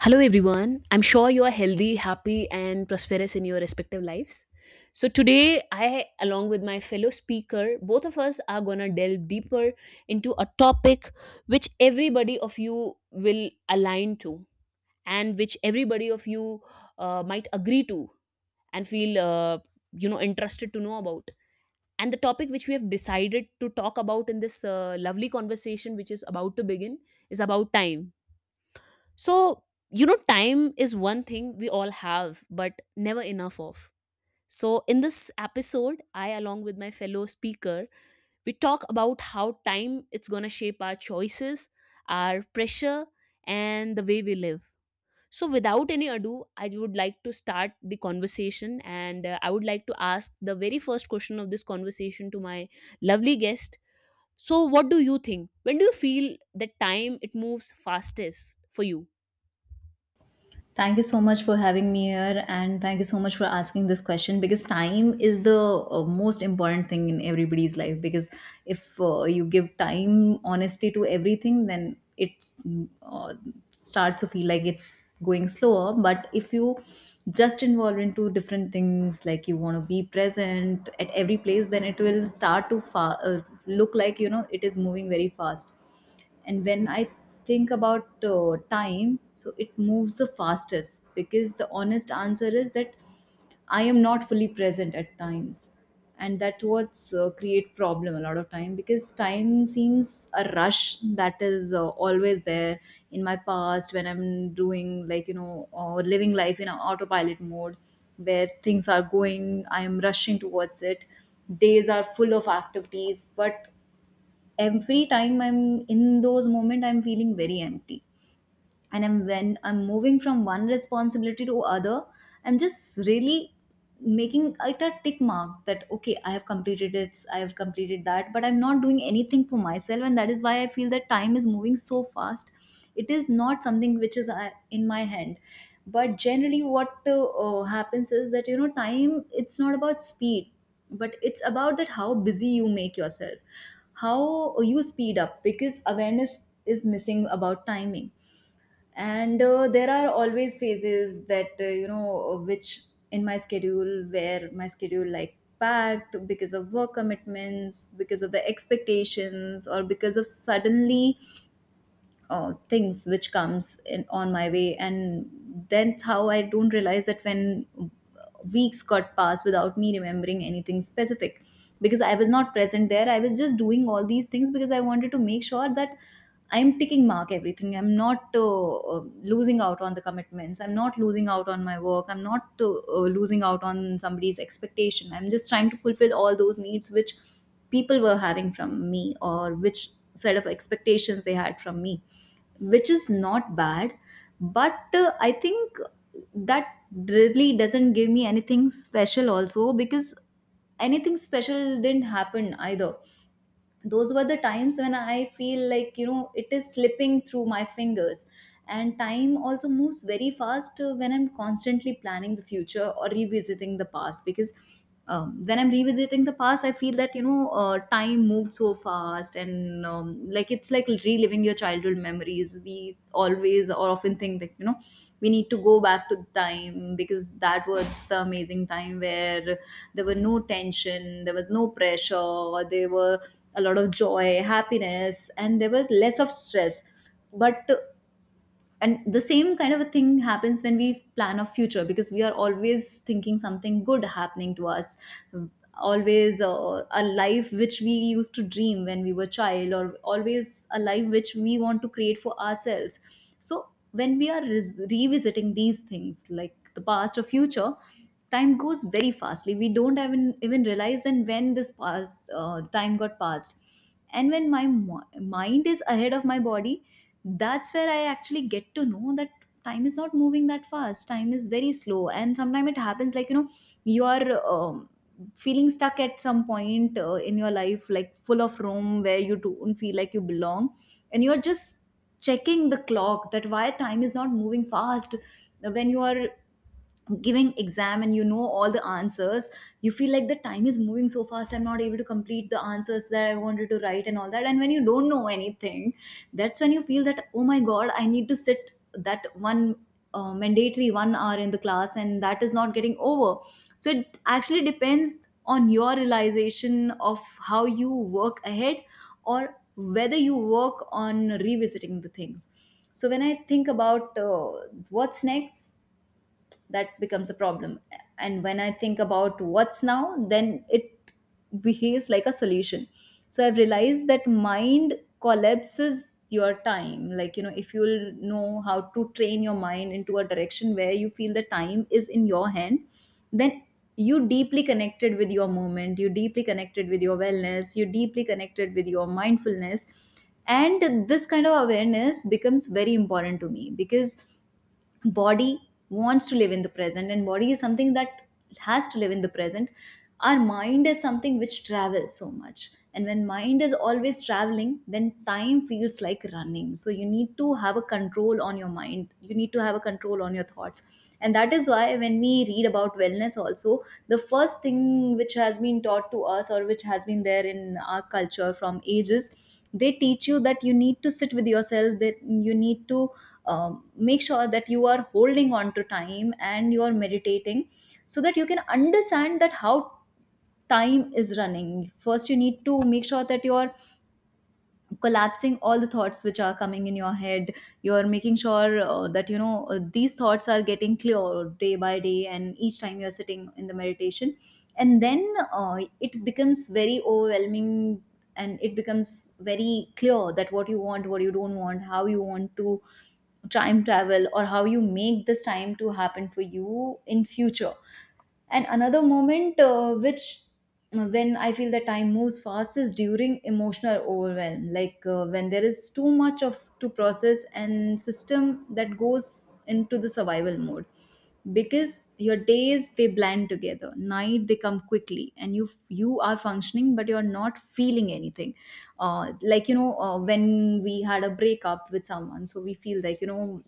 Hello, everyone. I'm sure you are healthy, happy, and prosperous in your respective lives. So, today, I, along with my fellow speaker, both of us are going to delve deeper into a topic which everybody of you will align to, and which everybody of you might agree to and feel, interested to know about. And the topic which we have decided to talk about in this lovely conversation, which is about to begin, is about time. So, time is one thing we all have, but never enough of. So, in this episode, I, along with my fellow speaker, we talk about how time it's going to shape our choices, our pressure, and the way we live. So, without any ado, I would like to start the conversation, and I would like to ask the very first question of this conversation to my lovely guest. So, what do you think? When do you feel that time it moves fastest for you? Thank you so much for having me here, and thank you so much for asking this question because time is the most important thing in everybody's life. Because if you give time, honesty to everything, then it uh, starts to feel like it's going slower. But if you just involve into different things, like you want to be present at every place, then it will start to look like you know it is moving very fast. And when I think about time, so it moves the fastest because the honest answer is that I am not fully present at times. And that what's create problem a lot of time because time seems a rush that is always there in my past when I'm doing like you know or living life in a autopilot mode where things are going, I am rushing towards it. Days are full of activities, but every time I'm in those moment I'm feeling very empty. And I'm when I'm moving from one responsibility to other, I'm just really making it a tick mark that okay, I have completed it, I have completed that, but I'm not doing anything for myself, and that is why I feel that time is moving so fast. It is not something which is in my hand. But generally, what happens is that you know, time it's not about speed, but it's about that how busy you make yourself, how you speed up because awareness is missing about timing. And there are always phases that you know which in my schedule where my schedule like packed because of work commitments, because of the expectations, or because of suddenly things which comes in, on my way. And that's how I don't realize that when weeks got passed without me remembering anything specific because I was not present there. I was just doing all these things because I wanted to make sure that I'm ticking mark everything. I'm not losing out on the commitments, I'm not losing out on my work, I'm not losing out on somebody's expectation. I'm just trying to fulfill all those needs which people were having from me, or which sort of expectations they had from me, which is not bad. But I think that really doesn't give me anything special also because anything special didn't happen either. Those were the times when I feel like you know it is slipping through my fingers. And time also moves very fast when I'm constantly planning the future or revisiting the past. Because when I'm revisiting the past, I feel that you know time moved so fast. And like it's like reliving your childhood memories, we always or often think that you know we need to go back to the time because that was the amazing time where there were no tension, there was no pressure, or there were a lot of joy, happiness, and there was less of stress. But and the same kind of a thing happens when we plan a future because we are always thinking something good happening to us, always a life which we used to dream when we were child, or always a life which we want to create for ourselves. So when we are revisiting these things like the past or future, time goes very fastly. We don't even realize then when this past time got passed. And when my mind is ahead of my body, that's where I actually get to know that time is not moving that fast. Time is very slow. And sometimes it happens like you know you are um, feeling stuck at some point in your life, like full of room where you don't feel like you belong, and you're just checking the clock that why time is not moving fast. When you are giving exam and you know all the answers, you feel like the time is moving so fast. I'm not able to complete the answers that I wanted to write and all that. And when you don't know anything, that's when you feel that oh my god, I need to sit that one mandatory 1 hour in the class and that is not getting over. So it actually depends on your realization of how you work ahead, or whether you work on revisiting the things. So when I think about what's next, that becomes a problem. And when I think about what's now, then it behaves like a solution. So I've realized that mind collapses your time, like you know if you'll know how to train your mind into a direction where you feel the time is in your hand, then you deeply connected with your moment, you deeply connected with your wellness, you deeply connected with your mindfulness. And this kind of awareness becomes very important to me because body wants to live in the present, and body is something that has to live in the present. Our mind is something which travels so much, and when mind is always traveling, then time feels like running. So you need to have a control on your mind, you need to have a control on your thoughts. And that is why when we read about wellness also, the first thing which has been taught to us, or which has been there in our culture from ages, they teach you that you need to sit with yourself, that you need to make sure that you are holding on to time and you are meditating, so that you can understand that how time is running. First you need to make sure that you are collapsing all the thoughts which are coming in your head. You're making sure that you know these thoughts are getting clear day by day, and each time you're sitting in the meditation. And then it becomes very overwhelming. And it becomes very clear that what you want, what you don't want, how you want to time travel, or how you make this time to happen for you in future. And another moment which when I feel that time moves fast is during emotional overwhelm, like when there is too much of to process and system that goes into the survival mode. Because your days they blend together, night they come quickly, and you are functioning but you are not feeling anything. Like you know when we had a breakup with someone, so we feel like you know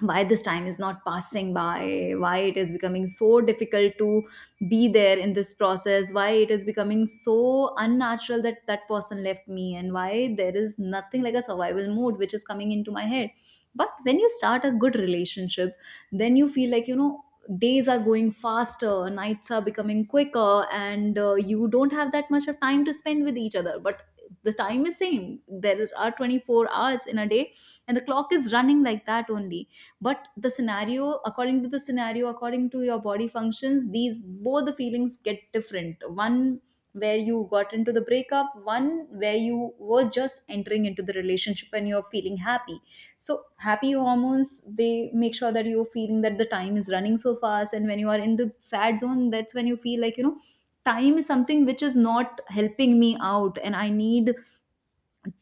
why this time is not passing by, why it is becoming so difficult to be there in this process, why it is becoming so unnatural that that person left me, and why there is nothing like a survival mode which is coming into my head. But when you start a good relationship, then you feel like you know days are going faster, nights are becoming quicker, and you don't have that much of time to spend with each other. But the time is same, there are 24 hours in a day and the clock is running like that only. But the scenario, according to the scenario, according to your body functions, these both the feelings get different, one where you got into the breakup, one where you were just entering into the relationship and you're feeling happy. So, happy hormones, they make sure that you're feeling that the time is running so fast. And when you are in the sad zone, that's when you feel like, you know, time is something which is not helping me out and I need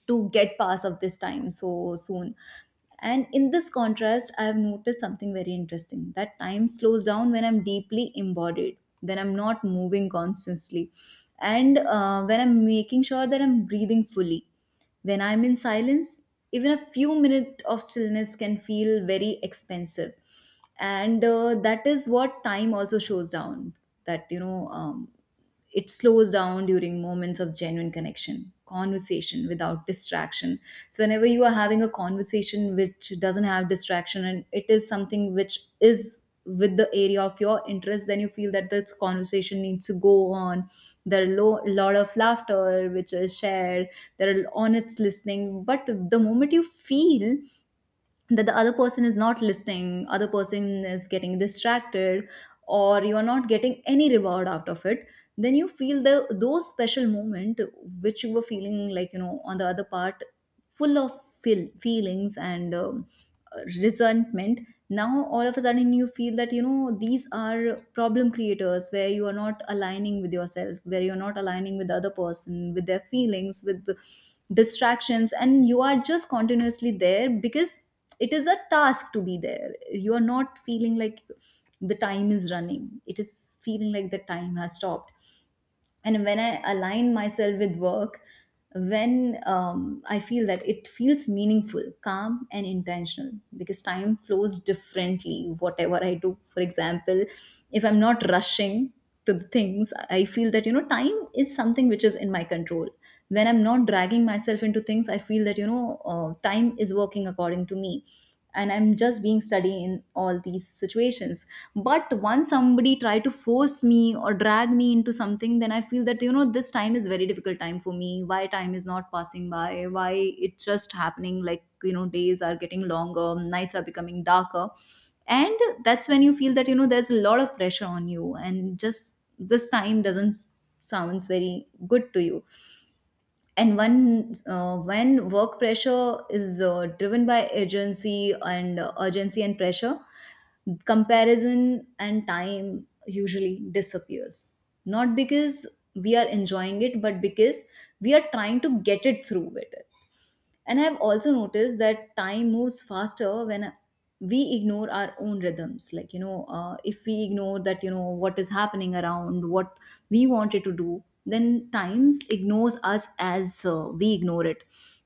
to get past of this time so soon. And in this contrast, I have noticed something very interesting, that time slows down when I'm deeply embodied, when I'm not moving constantly, and when I'm making sure that I'm breathing fully, when I'm in silence. Even a few minutes of stillness can feel very expensive. And that is what time also shows down. That you know It slows down during moments of genuine connection, conversation without distraction. So whenever you are having a conversation which doesn't have distraction and it is something which is with the area of your interest, then you feel that this conversation needs to go on. There are lot of laughter which is shared, there are honest listening. But the moment you feel that the other person is not listening, other person is getting distracted, or you are not getting any reward out of it, then you feel the those special moment which you were feeling like, you know, on the other part, full of feelings and resentment. Now all of a sudden you feel that, you know, these are problem creators, where you are not aligning with yourself, where you're not aligning with the other person, with their feelings, with the distractions, and you are just continuously there because it is a task to be there. You are not feeling like the time is running, it is feeling like the time has stopped. And when I align myself with work, when I feel that it feels meaningful, calm and intentional, because time flows differently whatever I do. For example, if I'm not rushing to the things, I feel that, you know, time is something which is in my control. When I'm not dragging myself into things, I feel that, you know, time is working according to me, and I'm just being steady in all these situations. But once somebody try to force me or drag me into something, then I feel that, you know, this time is very difficult time for me. Why time is not passing by? Why it's just happening like, you know, days are getting longer, nights are becoming darker, and that's when you feel that, you know, there's a lot of pressure on you and just this time doesn't sounds very good to you. And when work pressure is driven by urgency and urgency and pressure, comparison and time usually disappears. Not because we are enjoying it, but because we are trying to get it through with it. And I've also noticed that time moves faster when we ignore our own rhythms. Like, you know, if we ignore that, you know, what is happening around, what we wanted to do, then times ignores us as we ignore it.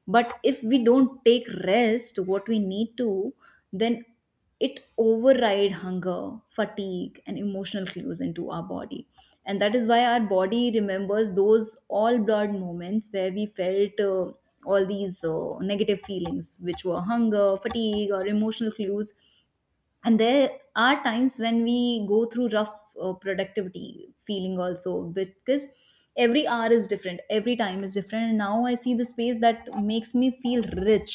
But if we don't take rest, what we need to, then it override hunger, fatigue and emotional clues into our body. And that is why our body remembers those all blurred moments where we felt all these negative feelings which were hunger, fatigue or emotional clues. And there are times when we go through rough productivity feeling also, because every hour is different, every time is different. And now I see the space that makes me feel rich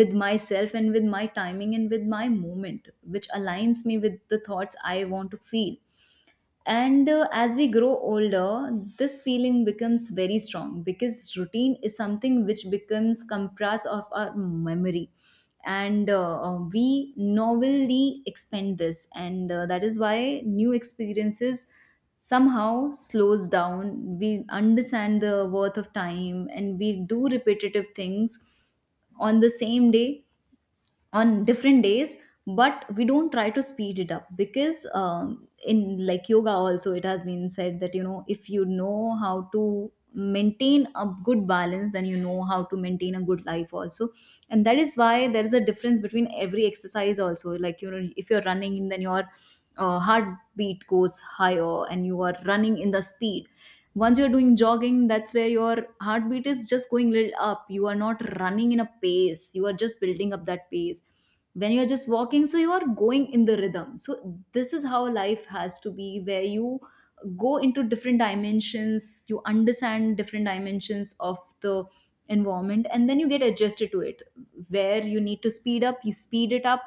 with myself and with my timing and with my moment which aligns me with the thoughts I want to feel. And as we grow older, this feeling becomes very strong because routine is something which becomes compressed of our memory. And we novelly expend this. And that is why new experiences somehow slows down. We understand the worth of time and we do repetitive things on the same day, on different days, but we don't try to speed it up because in like yoga also it has been said that, you know, if you know how to maintain a good balance, then you know how to maintain a good life also. And that is why there is a difference between every exercise also, like, you know, if you're running, then your heartbeat goes higher and you are running in the speed. Once you're doing jogging, that's where your heartbeat is just going little up, you are not running in a pace, you are just building up that pace. When you're just walking, so you are going in the rhythm. So this is how life has to be, where you go into different dimensions, you understand different dimensions of the environment and then you get adjusted to it. Where you need to speed up, you speed it up,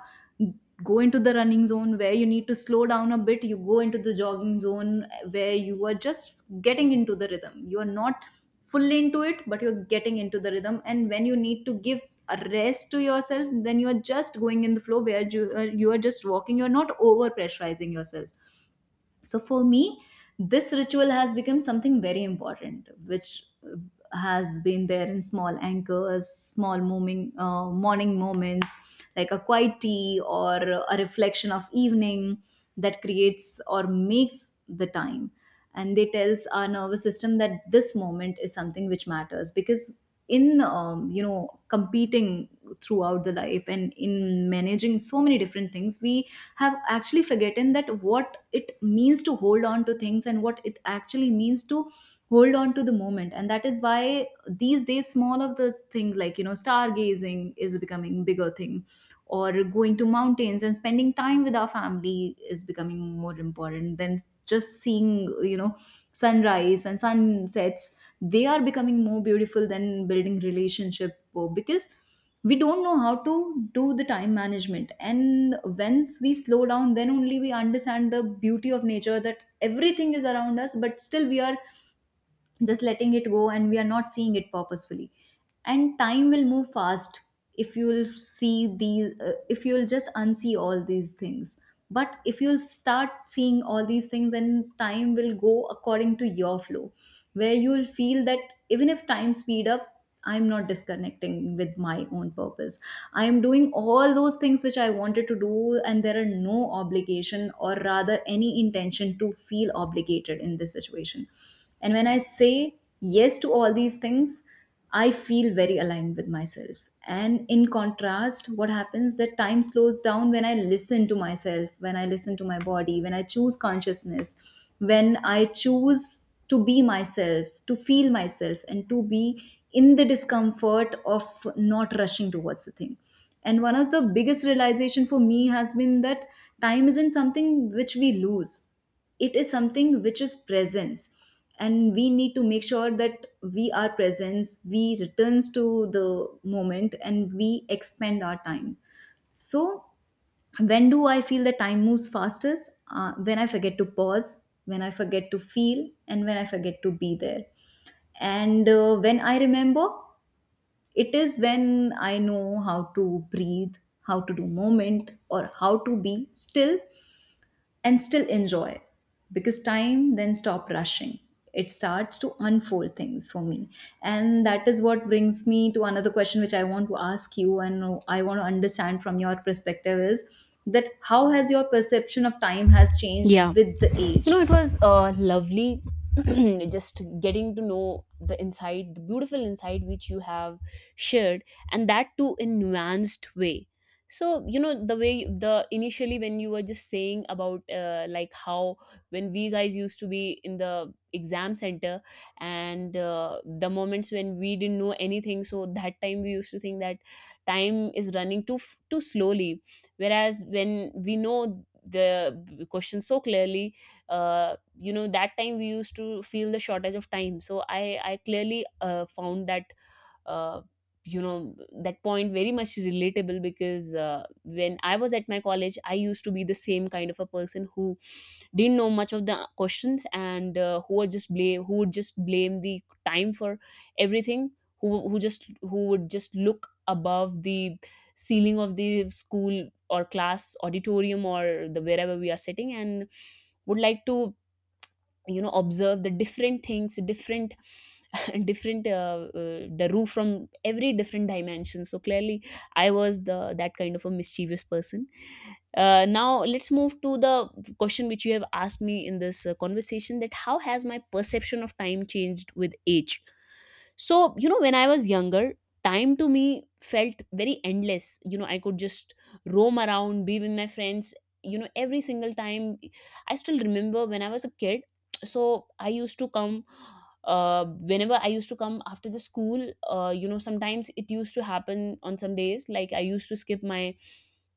go into the running zone. Where you need to slow down a bit, you go into the jogging zone, where you are just getting into the rhythm, you are not fully into it, but you're getting into the rhythm. And when you need to give a rest to yourself, then you are just going in the flow where you are just walking, you're not over pressurizing yourself. So for me, this ritual has become something very important, which has been there in small anchors, small morning, morning moments, like a quiet tea or a reflection of evening that creates or makes the time. And they tells our nervous system that this moment is something which matters, because in you know, competing throughout the life and in managing so many different things, we have actually forgotten that what it means to hold on to things and what it actually means to hold on to the moment. And that is why these days small of this thing like, you know, stargazing is becoming bigger thing, or going to mountains and spending time with our family is becoming more important than just seeing, you know, sunrise and sunsets. They are becoming more beautiful than building relationship, because we don't know how to do the time management. And once we slow down, then only we understand the beauty of nature, that everything is around us but still we are just letting it go and we are not seeing it purposefully. And time will move fast if you'll see these if you'll just unsee all these things. But if you'll start seeing all these things, then time will go according to your flow, where you'll feel that even if time speed up, I'm not disconnecting with my own purpose. I am doing all those things which I wanted to do, and there are no obligation or rather any intention to feel obligated in this situation. And when I say yes to all these things, I feel very aligned with myself. And in contrast, what happens that time slows down when I listen to myself, when I listen to my body, when I choose consciousness, when I choose to be myself, to feel myself, and to be in the discomfort of not rushing towards the thing. And one of the biggest realization for me has been that time isn't something which we lose. It is something which is presence. And we need to make sure that we are presence, we returns to the moment and we expend our time. So when do I feel the time moves fastest? When I forget to pause, when I forget to feel, and when I forget to be there. And when I remember, it is when I know how to breathe, how to do moment or how to be still and still enjoy, because time then stop rushing, it starts to unfold things for me. And that is what brings me to another question which I want to ask you, and I want to understand from your perspective is that how has your perception of time has changed Yeah. with the age? It was lovely, just getting to know the inside, the beautiful inside which you have shared, and that too in nuanced way. So, the way, the initially, when you were just saying about like how when we guys used to be in the exam center, and the moments when we didn't know anything, so that time we used to think that time is running too slowly, whereas when we know the question so clearly. You know, that time we used to feel the shortage of time. So I clearly found that, uh, you know that point very much relatable, because when I was at my college I used to be the same kind of a person who didn't know much of the questions, and who would just blame the time for everything, who would just look above the ceiling of the school or class auditorium, or the wherever we are sitting, and would like to, observe the different things, different different the roof from every different dimension. So clearly I was the, that kind of a mischievous person. Now let's move to the question which you have asked me in this conversation, that how has my perception of time changed with age. So, when I was younger, time to me felt very endless. I could just roam around, be with my friends, every single time. I still remember when I was a kid, so I used to come, uh, whenever I used to come after the school, sometimes it used to happen on some days, like I used to skip my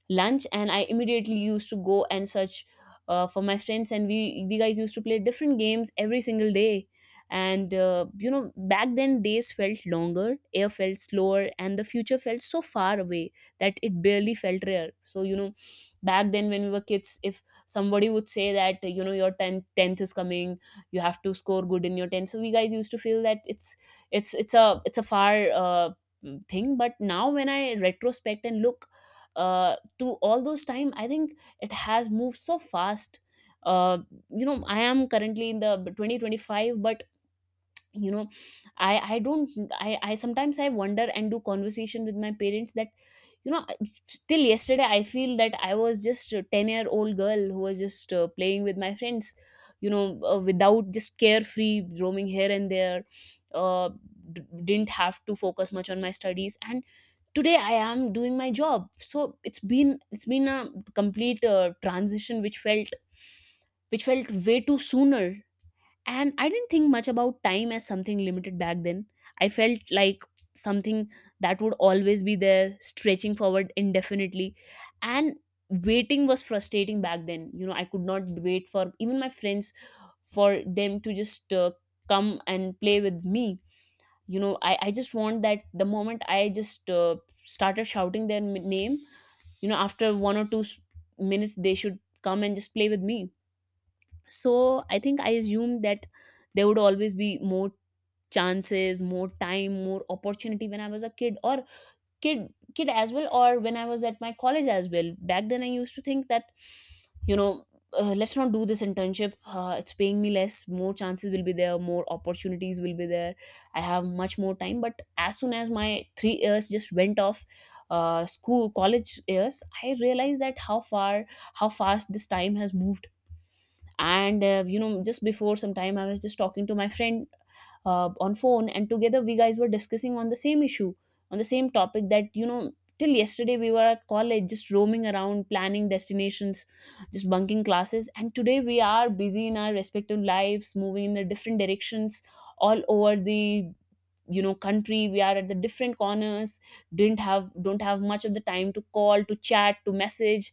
lunch and I immediately used to go and search for my friends, and we guys used to play different games every single day. And back then days felt longer, air felt slower, and the future felt so far away that it barely felt rare. So, back then, when we were kids, if somebody would say that, your 10th is coming, you have to score good in your 10, so we guys used to feel that it's a far thing. But now, when I retrospect and look to all those time, I think it has moved so fast. uh, I am currently in the 2025, but you know I don't I sometimes I wonder and do conversation with my parents, that you know till yesterday I feel that I was just a 10-year-old year old girl who was just playing with my friends, without, just carefree, roaming here and there, uh, didn't have to focus much on my studies, and today I am doing my job. So it's been a complete transition, which felt, way too sooner. And I didn't think much about time as something limited back then. I felt like something that would always be there, stretching forward indefinitely. And waiting was frustrating back then. I could not wait for even my friends, for them to just come and play with me. I just want that the moment I just started shouting their name, after one or two minutes, they should come and just play with me. So I think I assumed that there would always be more chances, more time, more opportunity, when I was a kid, or kid as well, or when I was at my college as well. Back then I used to think that, you know let's not do this internship, it's paying me less, more chances will be there, more opportunities will be there, I have much more time. But as soon as my 3 years just went off, school college years, I realized that how fast this time has moved. And just before some time I was just talking to my friend on phone, and together we guys were discussing on the same issue, on the same topic, that till yesterday we were at college just roaming around, planning destinations, just bunking classes, and today we are busy in our respective lives, moving in the different directions all over the, country. We are at the different corners, didn't have don't have much of the time to call, to chat, to message.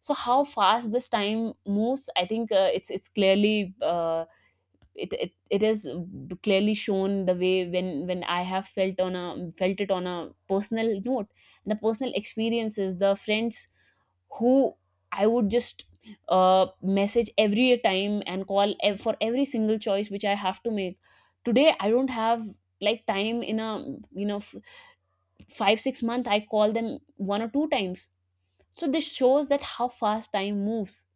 So how fast this time moves. I think it's clearly, it is clearly shown the way, when I have felt it on a personal note, the personal experiences, the friends who I would just message every time, and call for every single choice which I have to make. Today, I don't have like time in a, you know f- 5-6 month I call them one or two times. So this shows that how fast time moves.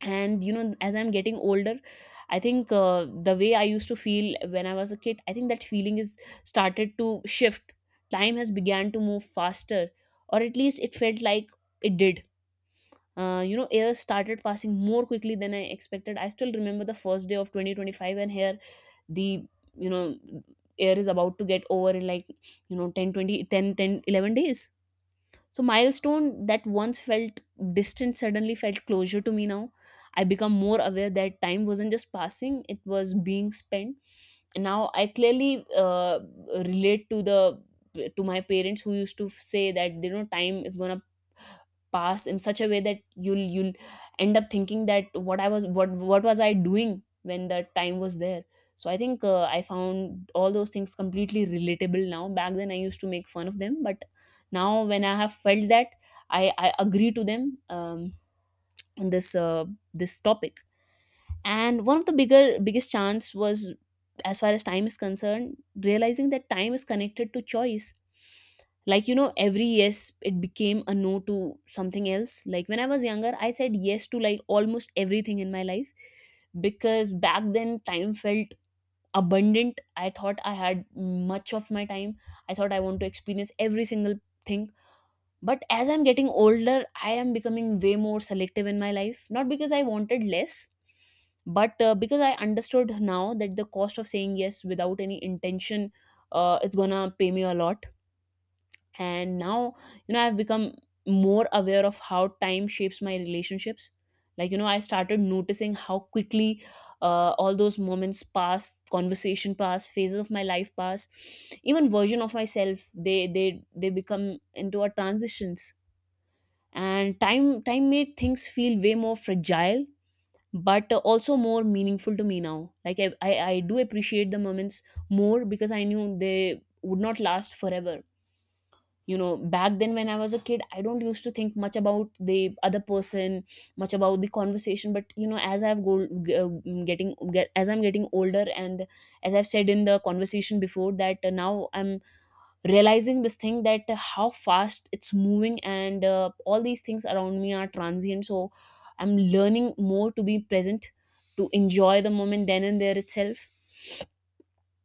And, as I'm getting older, I think the way I used to feel when I was a kid, I think that feeling is started to shift. Time has began to move faster, or at least it felt like it did. Years started passing more quickly than I expected. I still remember the first day of 2025, and here the, you know year is about to get over in like, you know 10 20 10 10 11 days. So milestone that once felt distant suddenly felt closure to me now. I become more aware that time wasn't just passing, it was being spent. Now I clearly relate to the, to my parents, who used to say that, time is gonna pass in such a way that you'll end up thinking that what was I doing when the time was there. So I think I found all those things completely relatable now. Back then I used to make fun of them, but now when I have felt that, I agree to them, on this topic. And one of the bigger biggest chance was, as far as time is concerned, realizing that time is connected to choice. Like, every yes it became a no to something else. Like, when I was younger I said yes to like almost everything in my life, because back then time felt abundant. I thought I had much of my time, I thought I want to experience every single thing. But as I'm getting older, I am becoming way more selective in my life, not because I wanted less, but because I understood now that the cost of saying yes without any intention, it's gonna pay me a lot. And now, I've become more aware of how time shapes my relationships. Like, I started noticing how quickly all those moments pass, conversation pass, phases of my life pass, even version of myself, they become into a transitions. And time made things feel way more fragile, but also more meaningful to me now. Like, I do appreciate the moments more because I knew they would not last forever. Back then, when I was a kid, I don't used to think much about the other person, much about the conversation. But, as I've go, g- getting get, as I'm getting older, and as I've said in the conversation before, that now I'm realizing this thing, that how fast it's moving, and all these things around me are transient. So I'm learning more to be present, to enjoy the moment then and there itself.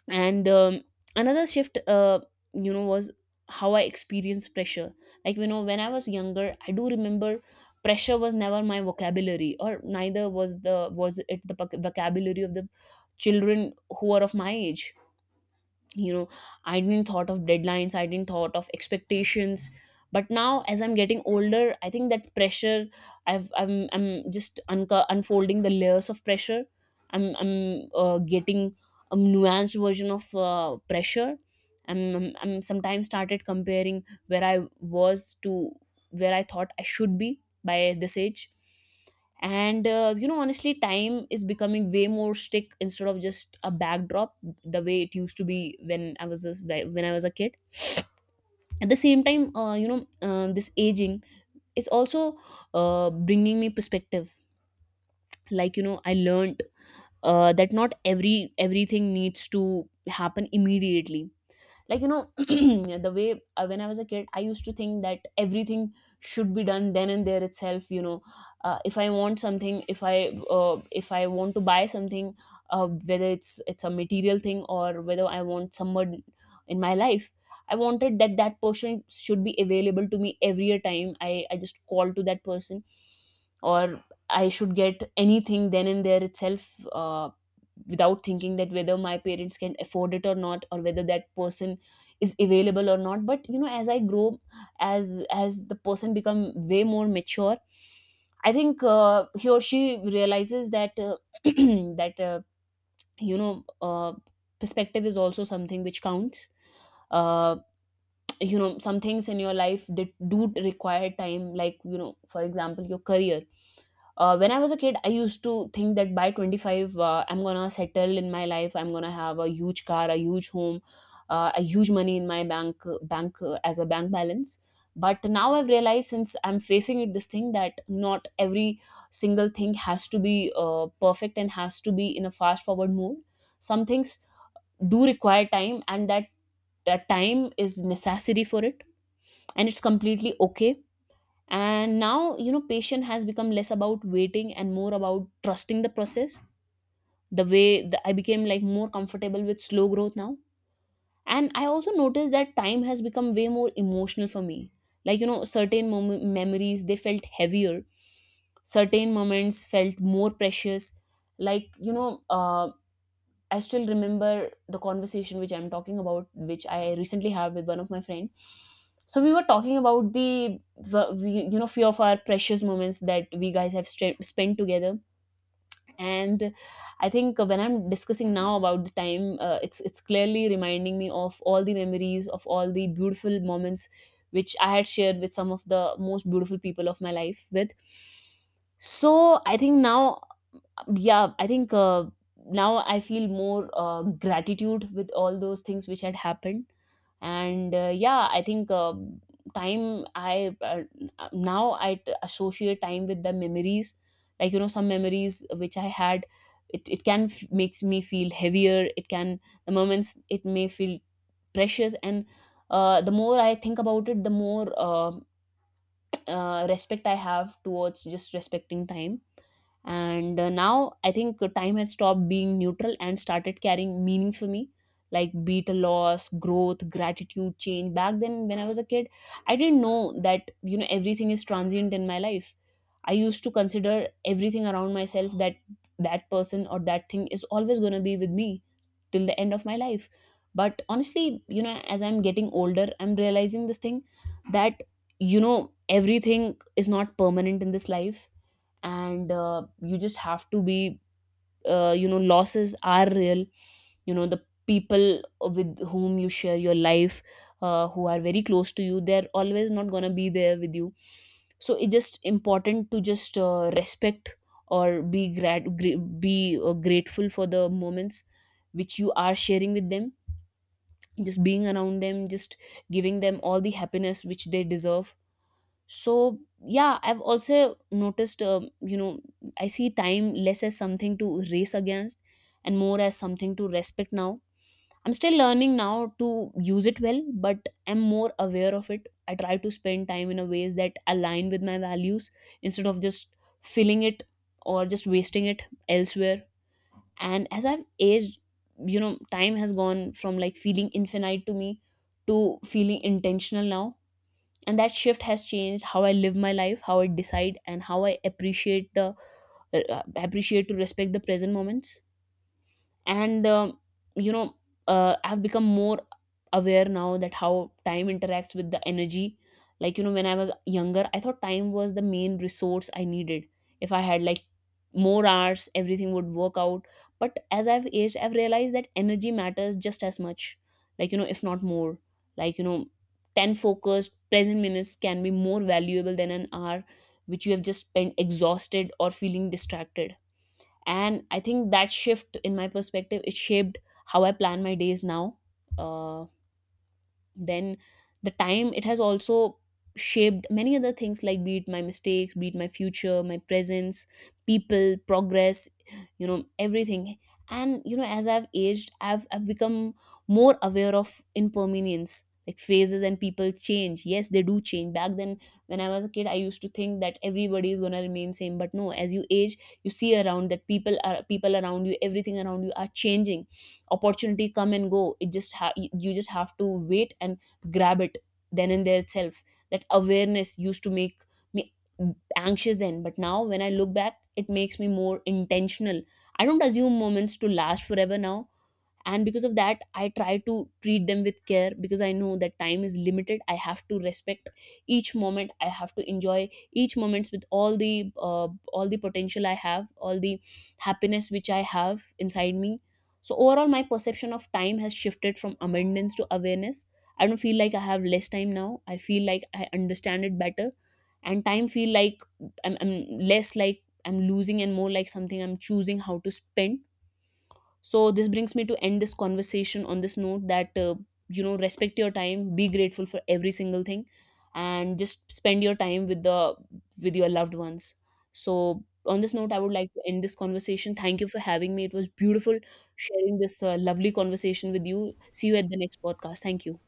And another shift, was how I experienced pressure. Like when I was younger, I do remember pressure was never my vocabulary, or neither was the was it the vocabulary of the children who are of my age, you know. I didn't thought of deadlines, I didn't thought of expectations. But now as I'm getting older, I think that pressure, I'm just unfolding the layers of pressure. I'm getting a nuanced version of pressure. I'm sometimes started comparing where I was to where I thought I should be by this age. And you know, honestly, time is becoming way more stick instead of just a backdrop the way it used to be when I was when I was a kid. At the same time, you know, this aging is also bringing me perspective. Like you know, I learned that not everything needs to happen immediately. Like you know, the way when I was a kid, I used to think that everything should be done then and there itself, you know. If I want something, uh, if I want to buy something, whether it's a material thing or whether I want someone in my life, I wanted that that person should be available to me every time I just call to that person, or I should get anything then and there itself, uh, without thinking that whether my parents can afford it or not, or whether that person is available or not. But you know, as I grow, as the person become way more mature, I think he or she realizes that that you know uh, perspective is also something which counts. Uh, you know, some things in your life that do require time, like you know, for example, your career. When I was a kid, I used to think that by 25, I'm gonna settle in my life, I'm gonna have a huge car, a huge home, a huge money in my bank bank as a bank balance. But now I've realized, since I'm facing it, this thing that not every single thing has to be perfect and has to be in a fast forward mode. Some things do require time, and that time is necessary for it, and it's completely okay. And now you know, patient has become less about waiting and more about trusting the process. The way I became like more comfortable with slow growth now. And I also noticed that time has become way more emotional for me. Like you know, certain memories, they felt heavier, certain moments felt more precious. Like you know, I still remember the conversation which I'm talking about, which I recently have with one of my friend. So we were talking about the you know, few of our precious moments that we guys have spent together. And I think when I'm discussing now about the time, it's clearly reminding me of all the memories of all the beautiful moments which I had shared with some of the most beautiful people of my life with. So I think now, yeah, I think now I feel more gratitude with all those things which had happened. And yeah, I think time I now I associate time with the memories. Like you know, some memories which I had, it can makes me feel heavier, it can the moments, it may feel precious. And the more I think about it, the more respect I have towards just respecting time. And now I think time has stopped being neutral and started carrying meaning for me, like be it a loss, growth, gratitude, change. Back then when I was a kid, I didn't know that, you know, everything is transient in my life. I used to consider everything around myself that person or that thing is always going to be with me till the end of my life. But honestly, you know, as I'm getting older, I'm realizing this thing that you know, everything is not permanent in this life. And you just have to be you know, losses are real. You know, the people with whom you share your life, who are very close to you, they're always not going to be there with you. So it's just important to just respect or be grateful for the moments which you are sharing with them, just being around them, just giving them all the happiness which they deserve. So yeah, I've also noticed, you know, I see time less as something to race against and more as something to respect now. I'm still learning now to use it well, but I'm more aware of it. I try to spend time in a ways that align with my values instead of just filling it or just wasting it elsewhere. And as I've aged, you know, time has gone from like feeling infinite to me to feeling intentional now. And that shift has changed how I live my life, how I decide, and how I appreciate the appreciate to respect the present moments. And you know, I've become more aware now that how time interacts with the energy. Like you know, when I was younger, I thought time was the main resource I needed. If I had like more hours, everything would work out. But as I've aged, I've realized that energy matters just as much, like you know, if not more. Like you know, 10 focused present minutes can be more valuable than an hour which you have just spent exhausted or feeling distracted. And I think that shift in my perspective, it shaped how I plan my days now. uh, then the time, it has also shaped many other things, like be it my mistakes, be it my future, my presence, people, progress, you know, everything. And you know, as I've aged, I've become more aware of impermanence, like phases and people change, yes they do change. Back then when I was a kid, I used to think that everybody is going to remain same, but no, as you age, you see around that people around you, everything around you are changing. Opportunity come and go, you just have to wait and grab it then and there itself. That awareness used to make me anxious then, but now when I look back, it makes me more intentional. I don't assume moments to last forever now, and because of that, I try to treat them with care, because I know that time is limited. I have to respect each moment, I have to enjoy each moments with all the potential I have, all the happiness which I have inside me. So overall, my perception of time has shifted from abundance to awareness. I don't feel like I have less time now, I feel like I understand it better. And time feel like I'm less like I'm losing and more like something I'm choosing how to spend. So this brings me to end this conversation on this note that you know, respect your time, be grateful for every single thing, and just spend your time with the with your loved ones. So on this note, I would like to end this conversation. Thank you for having me, it was beautiful sharing this lovely conversation with you. See you at the next podcast. Thank you.